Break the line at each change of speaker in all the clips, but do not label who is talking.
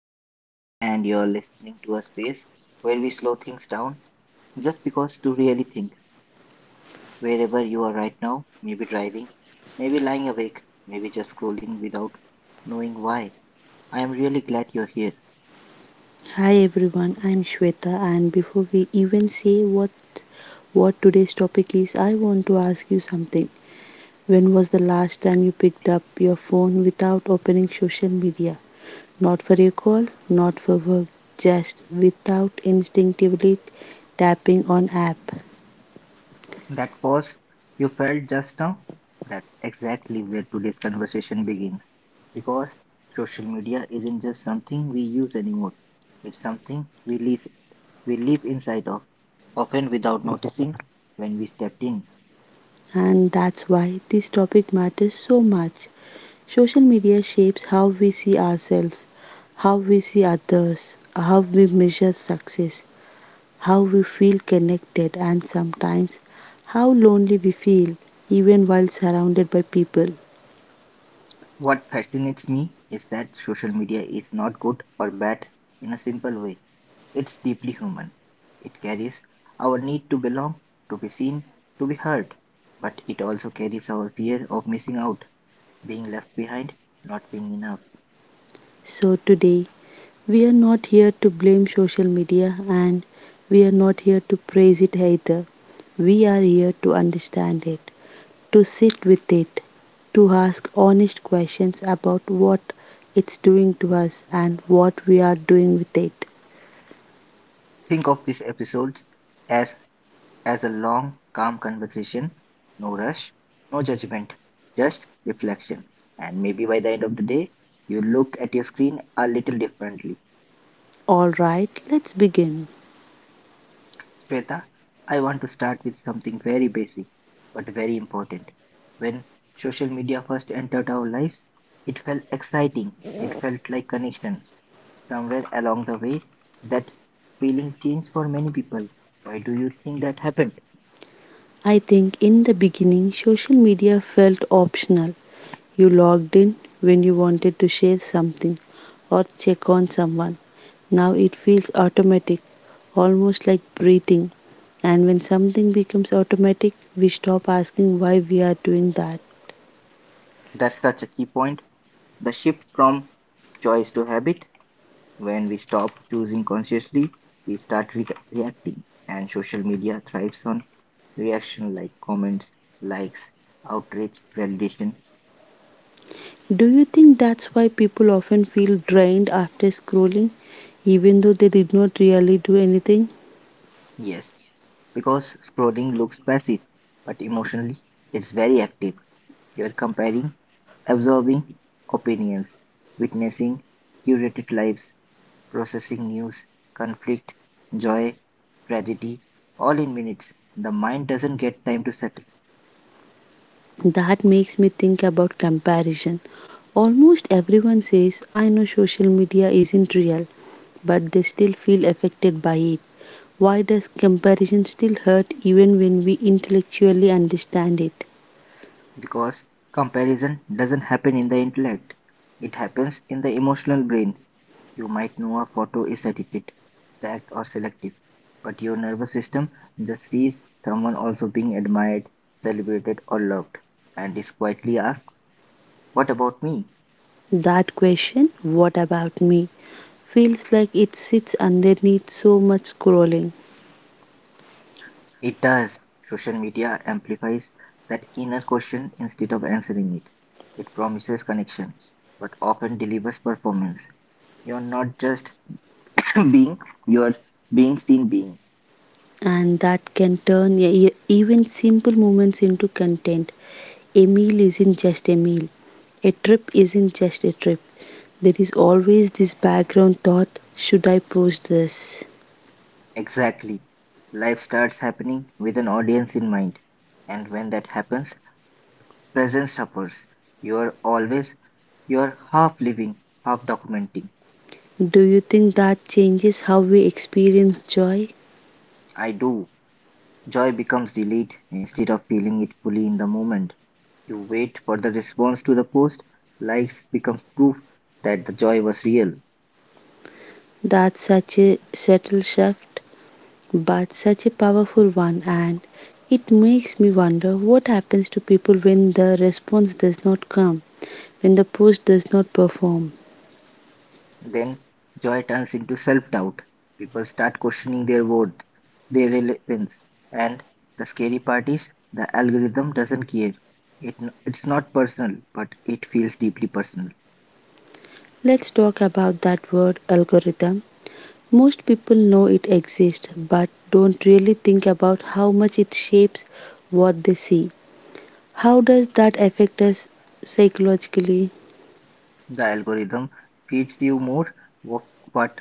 I'm Amit Roy, and you're listening to a space where we slow things down just because to really think. Wherever you are right now, maybe driving, maybe lying awake, maybe just scrolling without knowing why. I am really glad you're here.
Hi everyone, I'm Shweta, and before we even say what today's topic is, I want to ask you something. When was the last time you picked up your phone without opening social media? Not for a call, not for work, just without instinctively tapping on app.
That pause you felt just now, that's exactly where today's conversation begins. Because social media isn't just something we use anymore, it's something we live inside of, often without noticing when we stepped in.
And that's why this topic matters so much. Social media shapes how we see ourselves, how we see others, how we measure success, how we feel connected, and sometimes how lonely we feel even while surrounded by people.
What fascinates me is that social media is not good or bad in a simple way. It's deeply human. It carries our need to belong, to be seen, to be heard, but it also carries our fear of missing out, being left behind, not being enough.
So today, we are not here to blame social media, and we are not here to praise it either. We are here to understand it, to sit with it, to ask honest questions about what it's doing to us and what we are doing with it.
Think of these episodes as as a long, calm conversation. No rush, no judgment, just reflection. And maybe by the end of the day, you look at your screen a little differently.
Alright, let's begin.
Shweta, I want to start with something very basic, but very important. When social media first entered our lives, it felt exciting. It felt like connection. Somewhere along the way, that feeling changed for many people. Why do you think that happened?
I think in the beginning, social media felt optional. You logged in when you wanted to share something or check on someone. Now it feels automatic, almost like breathing. And when something becomes automatic, we stop asking why we are doing that.
That's such a key point. The shift from choice to habit. When we stop choosing consciously, we start reacting, and social media thrives on reaction like comments, likes, outrage, validation.
Do you think that's why people often feel drained after scrolling, even though they did not really do anything?
Yes, because scrolling looks passive, but emotionally it's very active. You're comparing, absorbing opinions, witnessing curated lives, processing news, conflict, joy, tragedy, all in minutes. The mind doesn't get time to settle.
That makes me think about comparison. Almost everyone says, I know social media isn't real, but they still feel affected by it. Why does comparison still hurt even when we intellectually understand it?
Because comparison doesn't happen in the intellect, it happens in the emotional brain. You might know a photo is edited, stacked, or selective, but your nervous system just sees someone also being admired, celebrated, or loved, and is quietly asked, what about me?
That question, what about me, feels like it sits underneath so much scrolling,
It does. Social media amplifies that inner question instead of answering it. It promises connection, but often delivers performance. You're not just being, you're being seen being.
and that can turn even simple moments into content. A meal isn't just a meal. A trip isn't just a trip. There is always this background thought, should I post this?
Exactly. Life starts happening with an audience in mind. And when that happens, presence suffers. You're always, you're half living, half documenting.
Do you think that changes how we experience joy?
I do. Joy becomes delayed instead of feeling it fully in the moment. You wait for the response to the post. Life becomes proof that the joy was real.
That's such a subtle shift, but such a powerful one, and it makes me wonder what happens to people when the response does not come, when the post does not perform.
Then joy turns into self-doubt. People start questioning their worth, their relevance, and the scary part is the algorithm doesn't care. It's not personal, but it feels deeply personal.
Let's talk about that word algorithm. Most people know it exists but don't really think about how much it shapes what they see. How does that affect us psychologically?
The algorithm feeds you more what, what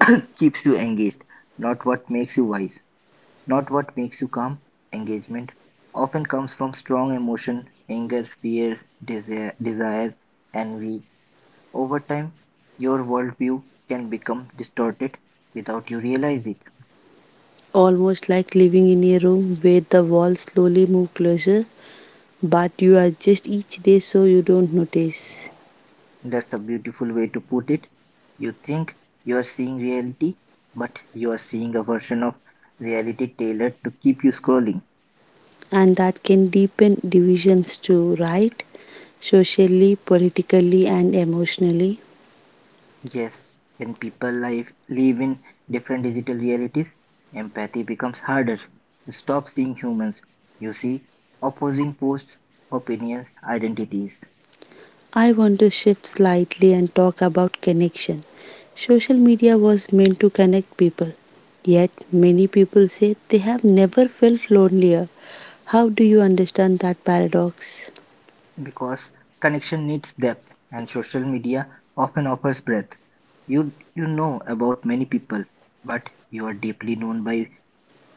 keeps you engaged, not what makes you wise, not what makes you calm. Engagement often comes from strong emotion, anger, fear, desire, envy. Over time, your worldview can become distorted without you realize it.
Almost like living in a room where the walls slowly move closer, but you adjust each day so you don't notice.
That's a beautiful way to put it. You think you are seeing reality, but you are seeing a version of reality tailored to keep you scrolling.
And that can deepen divisions too, right? Socially, politically, and emotionally.
Yes, when people live in different digital realities, empathy becomes harder. You stop seeing humans. You see opposing posts, opinions, identities.
I want to shift slightly and talk about connection. Social media was meant to connect people, yet many people say they have never felt lonelier. How do you understand that paradox?
Because connection needs depth, and social media often offers breadth. You know about many people, but you are deeply known by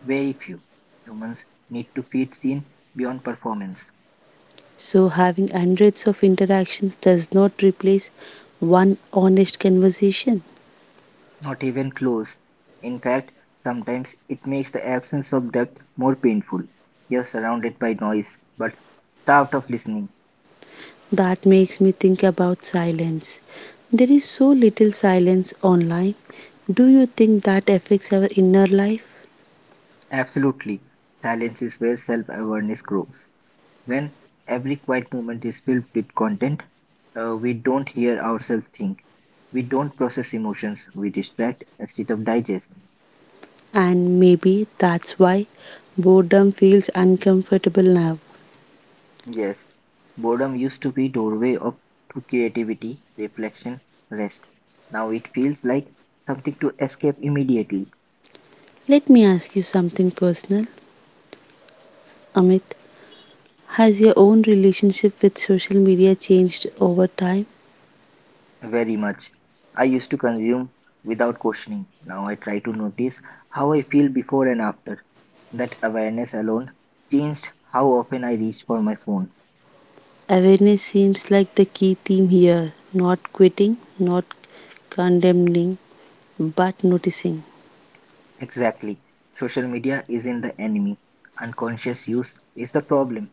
very few. Humans need to feel seen beyond performance.
So, having hundreds of interactions does not replace one honest conversation.
Not even close. In fact, sometimes it makes the absence of depth more painful. You're surrounded by noise, but starved of listening.
That makes me think about silence. There is so little silence online. Do you think that affects our inner life?
Absolutely, silence is where self-awareness grows. When every quiet moment is filled with content, we don't hear ourselves think. We don't process emotions. We distract instead of digest.
And maybe that's why boredom feels uncomfortable now.
Yes, boredom used to be doorway of to creativity, reflection, rest. Now it feels like something to escape immediately.
Let me ask you something personal. Amit, has your own relationship with social media changed over time?
Very much. I used to consume without questioning. Now I try to notice how I feel before and after. That awareness alone changed how often I reach for my phone.
Awareness seems like the key theme here, not quitting, not condemning, but noticing.
Exactly. Social media isn't the enemy. Unconscious use is the problem.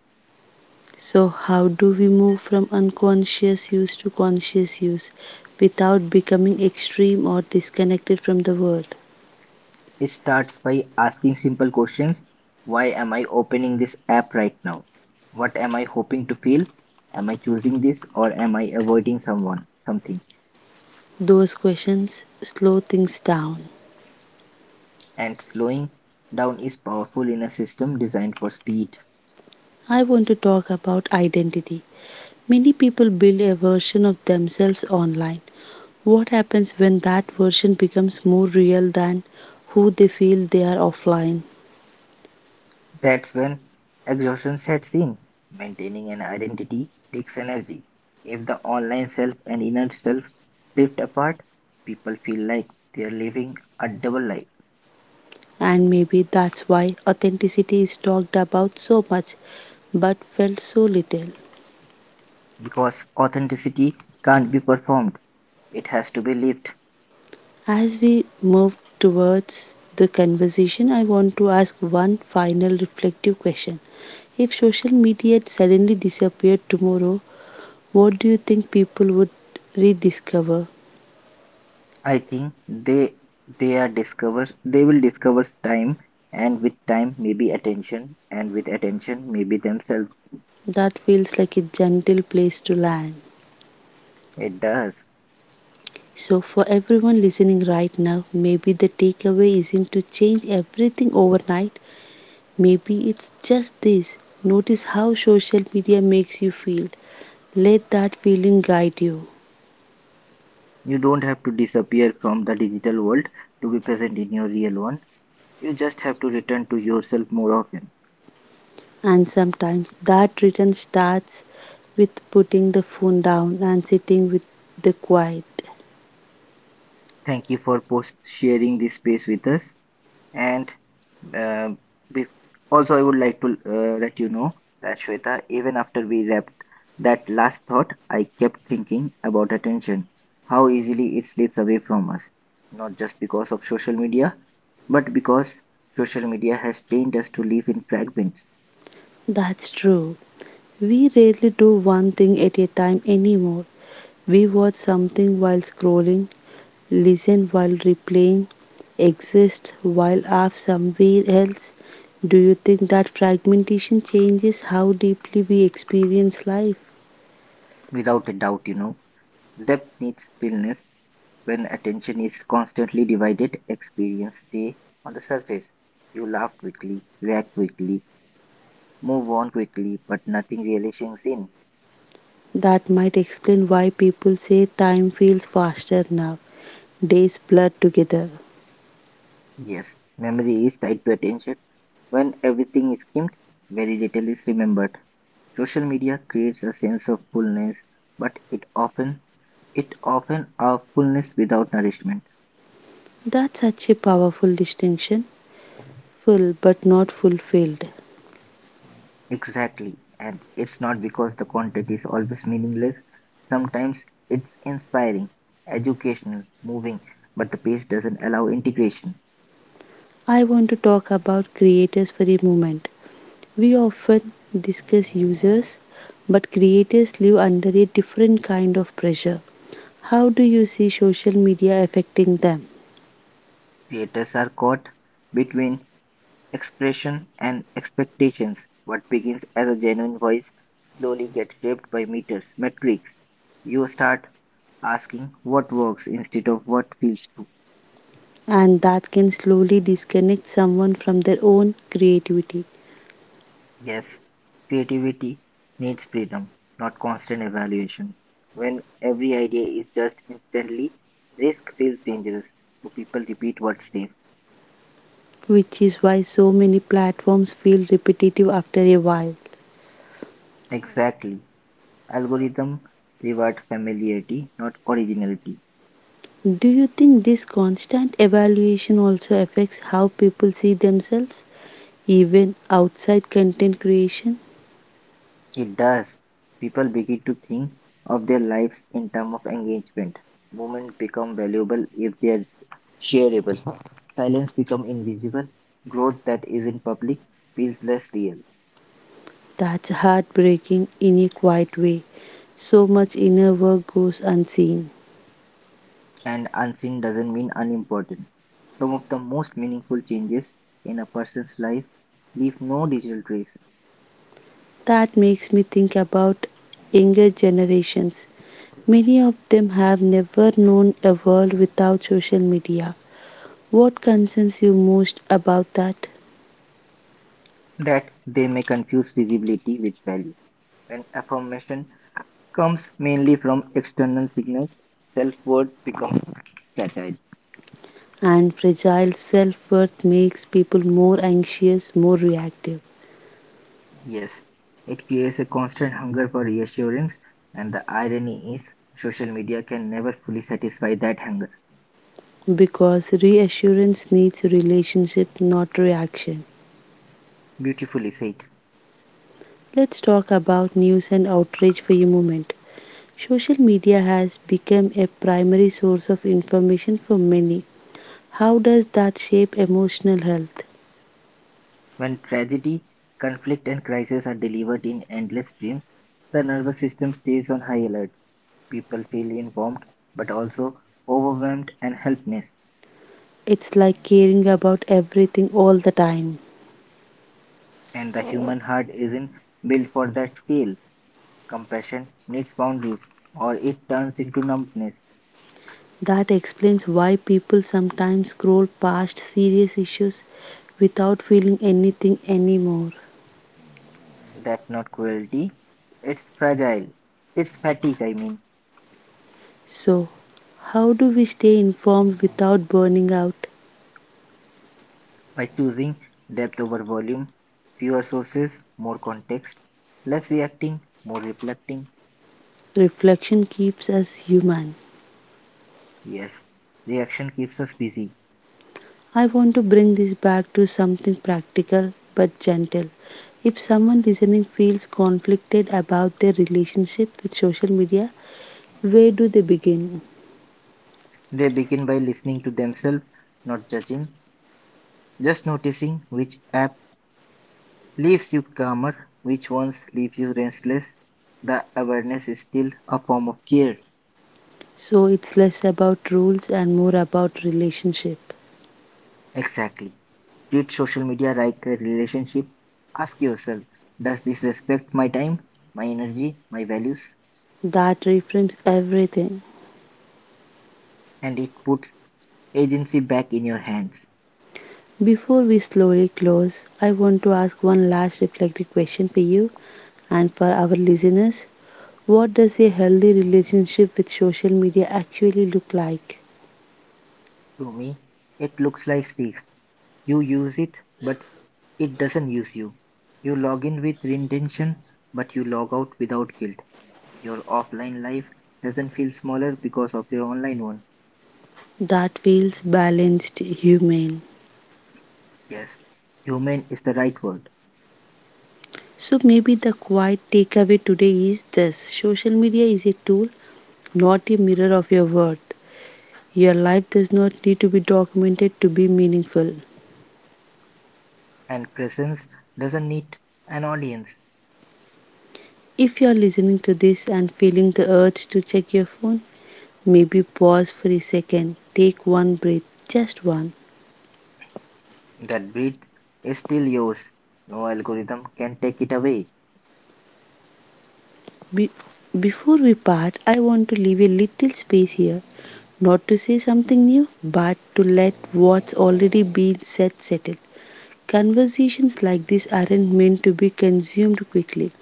So, how do we move from unconscious use to conscious use without becoming extreme or disconnected from the world?
It starts by asking simple questions. Why am I opening this app right now? What am I hoping to feel? Am I choosing this or am I avoiding someone, something?
Those questions slow things down.
And slowing down is powerful in a system designed for speed.
I want to talk about identity. Many people build a version of themselves online. What happens when that version becomes more real than who they feel they are offline?
That's when exhaustion sets in. Maintaining an identity takes energy. If the online self and inner self drift apart, people feel like they're living a double life
And maybe that's why authenticity is talked about so much but felt so little.
because authenticity can't be performed. It has to be lived.
As we move towards the conversation, I want to ask one final reflective question. If social media suddenly disappeared tomorrow, what do you think people would rediscover?
I think they are discover they will discover time and with time maybe attention and with attention maybe themselves.
That feels like a gentle place to land.
It does.
So, for everyone listening right now, maybe the takeaway isn't to change everything overnight. Maybe it's just this: notice how social media makes you feel. Let that feeling guide you.
You don't have to disappear from the digital world to be present in your real one. You just have to return to yourself more often.
And sometimes that return starts with putting the phone down and sitting with the quiet.
Thank you for post sharing this space with us. And um bef- also, I would like to let you know that Shweta, even after we wrapped that last thought, I kept thinking about attention, how easily it slips away from us, not just because of social media, but because social media has trained us to live in fragments.
That's true. We rarely do one thing at a time anymore. We watch something while scrolling, listen while replaying, exist while off somewhere else. Do you think that fragmentation changes how deeply we experience life?
Without a doubt, you know, depth needs stillness. When attention is constantly divided, experience stay on the surface. You laugh quickly, react quickly, move on quickly, but nothing really sinks in.
That might explain why people say time feels faster now, days blur together.
Yes, memory is tied to attention. When everything is skimmed, very little is remembered. Social media creates a sense of fullness, but it often a fullness without nourishment.
That's such a powerful distinction, full but not fulfilled.
Exactly, and it's not because the content is always meaningless. Sometimes it's inspiring, educational, moving, but the pace doesn't allow integration.
I want to talk about creators for a moment. We often discuss users, but creators live under a different kind of pressure. How do you see social media affecting them?
Creators are caught between expression and expectations. What begins as a genuine voice slowly gets shaped by meters, metrics. You start asking what works instead of what feels true.
And that can slowly disconnect someone from their own creativity,
Yes, creativity needs freedom, not constant evaluation. When every idea is just instantly, risk feels dangerous, so people repeat what's safe.
which is why so many platforms feel repetitive after a while.
Exactly. Algorithm reward familiarity, not originality.
Do you think this constant evaluation also affects how people see themselves, even outside content creation?
It does. People begin to think of their lives in terms of engagement. Moments become valuable if they are shareable. Silence become invisible. Growth that isn't public feels less real.
That's heartbreaking in a quiet way. So much inner work goes unseen.
And unseen doesn't mean unimportant. Some of the most meaningful changes in a person's life leave no digital trace.
That makes me think about younger generations. Many of them have never known a world without social media. What concerns you most about that?
That they may confuse visibility with value. When affirmation comes mainly from external signals, self worth becomes fragile.
And fragile self worth makes people more anxious, more reactive.
Yes, it creates a constant hunger for reassurance, and the irony is social media can never fully satisfy that hunger.
Because reassurance needs relationship, not reaction.
Beautifully said.
Let's talk about news and outrage for a moment. Social media has become a primary source of information for many. How does that shape emotional health?
When tragedy, conflict, and crisis are delivered in endless streams, the nervous system stays on high alert. People feel informed but also overwhelmed and helpless.
It's like caring about everything all the time.
And the human heart isn't built for that scale. Compassion needs boundaries, or it turns into numbness.
That explains why people sometimes scroll past serious issues without feeling anything anymore.
That's not cruelty. It's fragile. It's fatigue, I mean.
So, how do we stay informed without burning out?
By choosing depth over volume, fewer sources, more context, less reacting, more reflecting.
Reflection keeps us human.
Yes, reaction keeps us busy.
I want to bring this back to something practical but gentle. If someone listening feels conflicted about their relationship with social media, where do they begin?
They begin by listening to themselves, not judging, just noticing which app leaves you calmer, which ones leave you restless. The awareness is still a form of care.
So it's less about rules and more about relationship.
Exactly. Treat social media like a relationship. Ask yourself, does this respect my time, my energy, my values?
That reframes everything.
And it puts agency back in your hands.
Before we slowly close, I want to ask one last reflective question for you and for our listeners. What does a healthy relationship with social media actually look like?
To me, it looks like this. You use it, but it doesn't use you. You log in with intention, but you log out without guilt. Your offline life doesn't feel smaller because of your online one.
That feels balanced, human.
Yes, human is the right word,
So maybe the quiet takeaway today is this: social media is a tool, not a mirror of your worth. Your life does not need to be documented to be meaningful.
and presence doesn't need an audience.
If you are listening to this and feeling the urge to check your phone, maybe pause for a second, take one breath, just one.
That breath is still yours. No algorithm can take it away.
Be- Before we part, I want to leave a little space here, not to say something new, but to let what's already been said settle. Conversations like this aren't meant to be consumed quickly.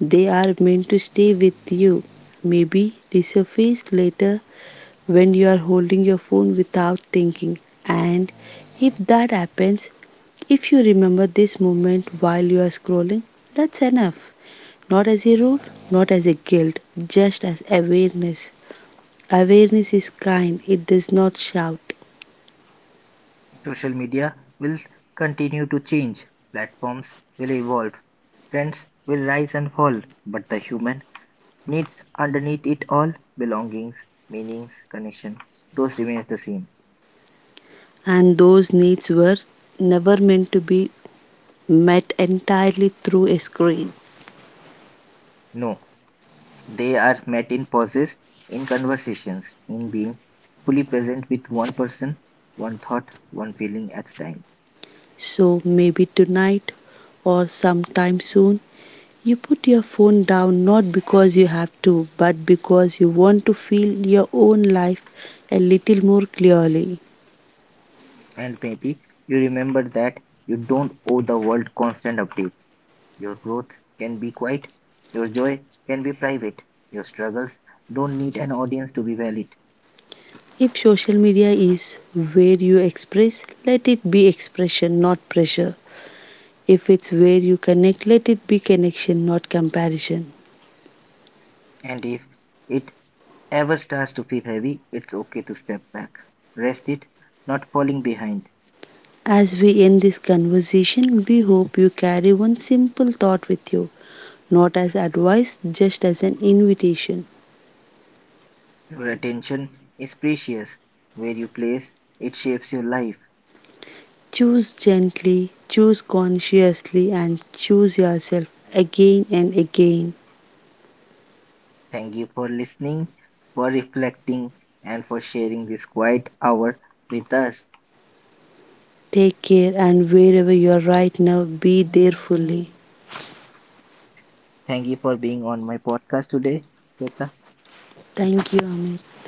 They are meant to stay with you, maybe resurface later when you are holding your phone without thinking. And if that happens, if you remember this moment while you are scrolling, that's enough. Not as a rule, not as a guilt, just as awareness. Awareness is kind, it does not shout.
Social media will continue to change, platforms will evolve, trends will rise and fall, but the human needs underneath it all, belongings, meanings, connection. Those remains the same.
And those needs were never meant to be met entirely through a screen.
No, they are met in pauses, in conversations, in being fully present with one person, one thought, one feeling at a time.
So maybe tonight or sometime soon, you put your phone down, not because you have to, but because you want to feel your own life a little more clearly.
And maybe you remember that you don't owe the world constant updates. Your growth can be quiet, your joy can be private, your struggles don't need an audience to be valid.
If social media is where you express, let it be expression, not pressure. If it's where you connect, let it be connection, not comparison.
And if it ever starts to feel heavy, it's okay to step back. Rest it, not falling behind.
As we end this conversation, we hope you carry one simple thought with you, not as advice, just as an invitation.
Your attention is precious. Where you place it shapes your life.
Choose gently, choose consciously, and choose yourself again and again.
Thank you for listening, for reflecting, and for sharing this quiet hour with us.
Take care, and wherever you are right now, be there fully.
Thank you for being on my podcast today, Shweta.
Thank you, Amit.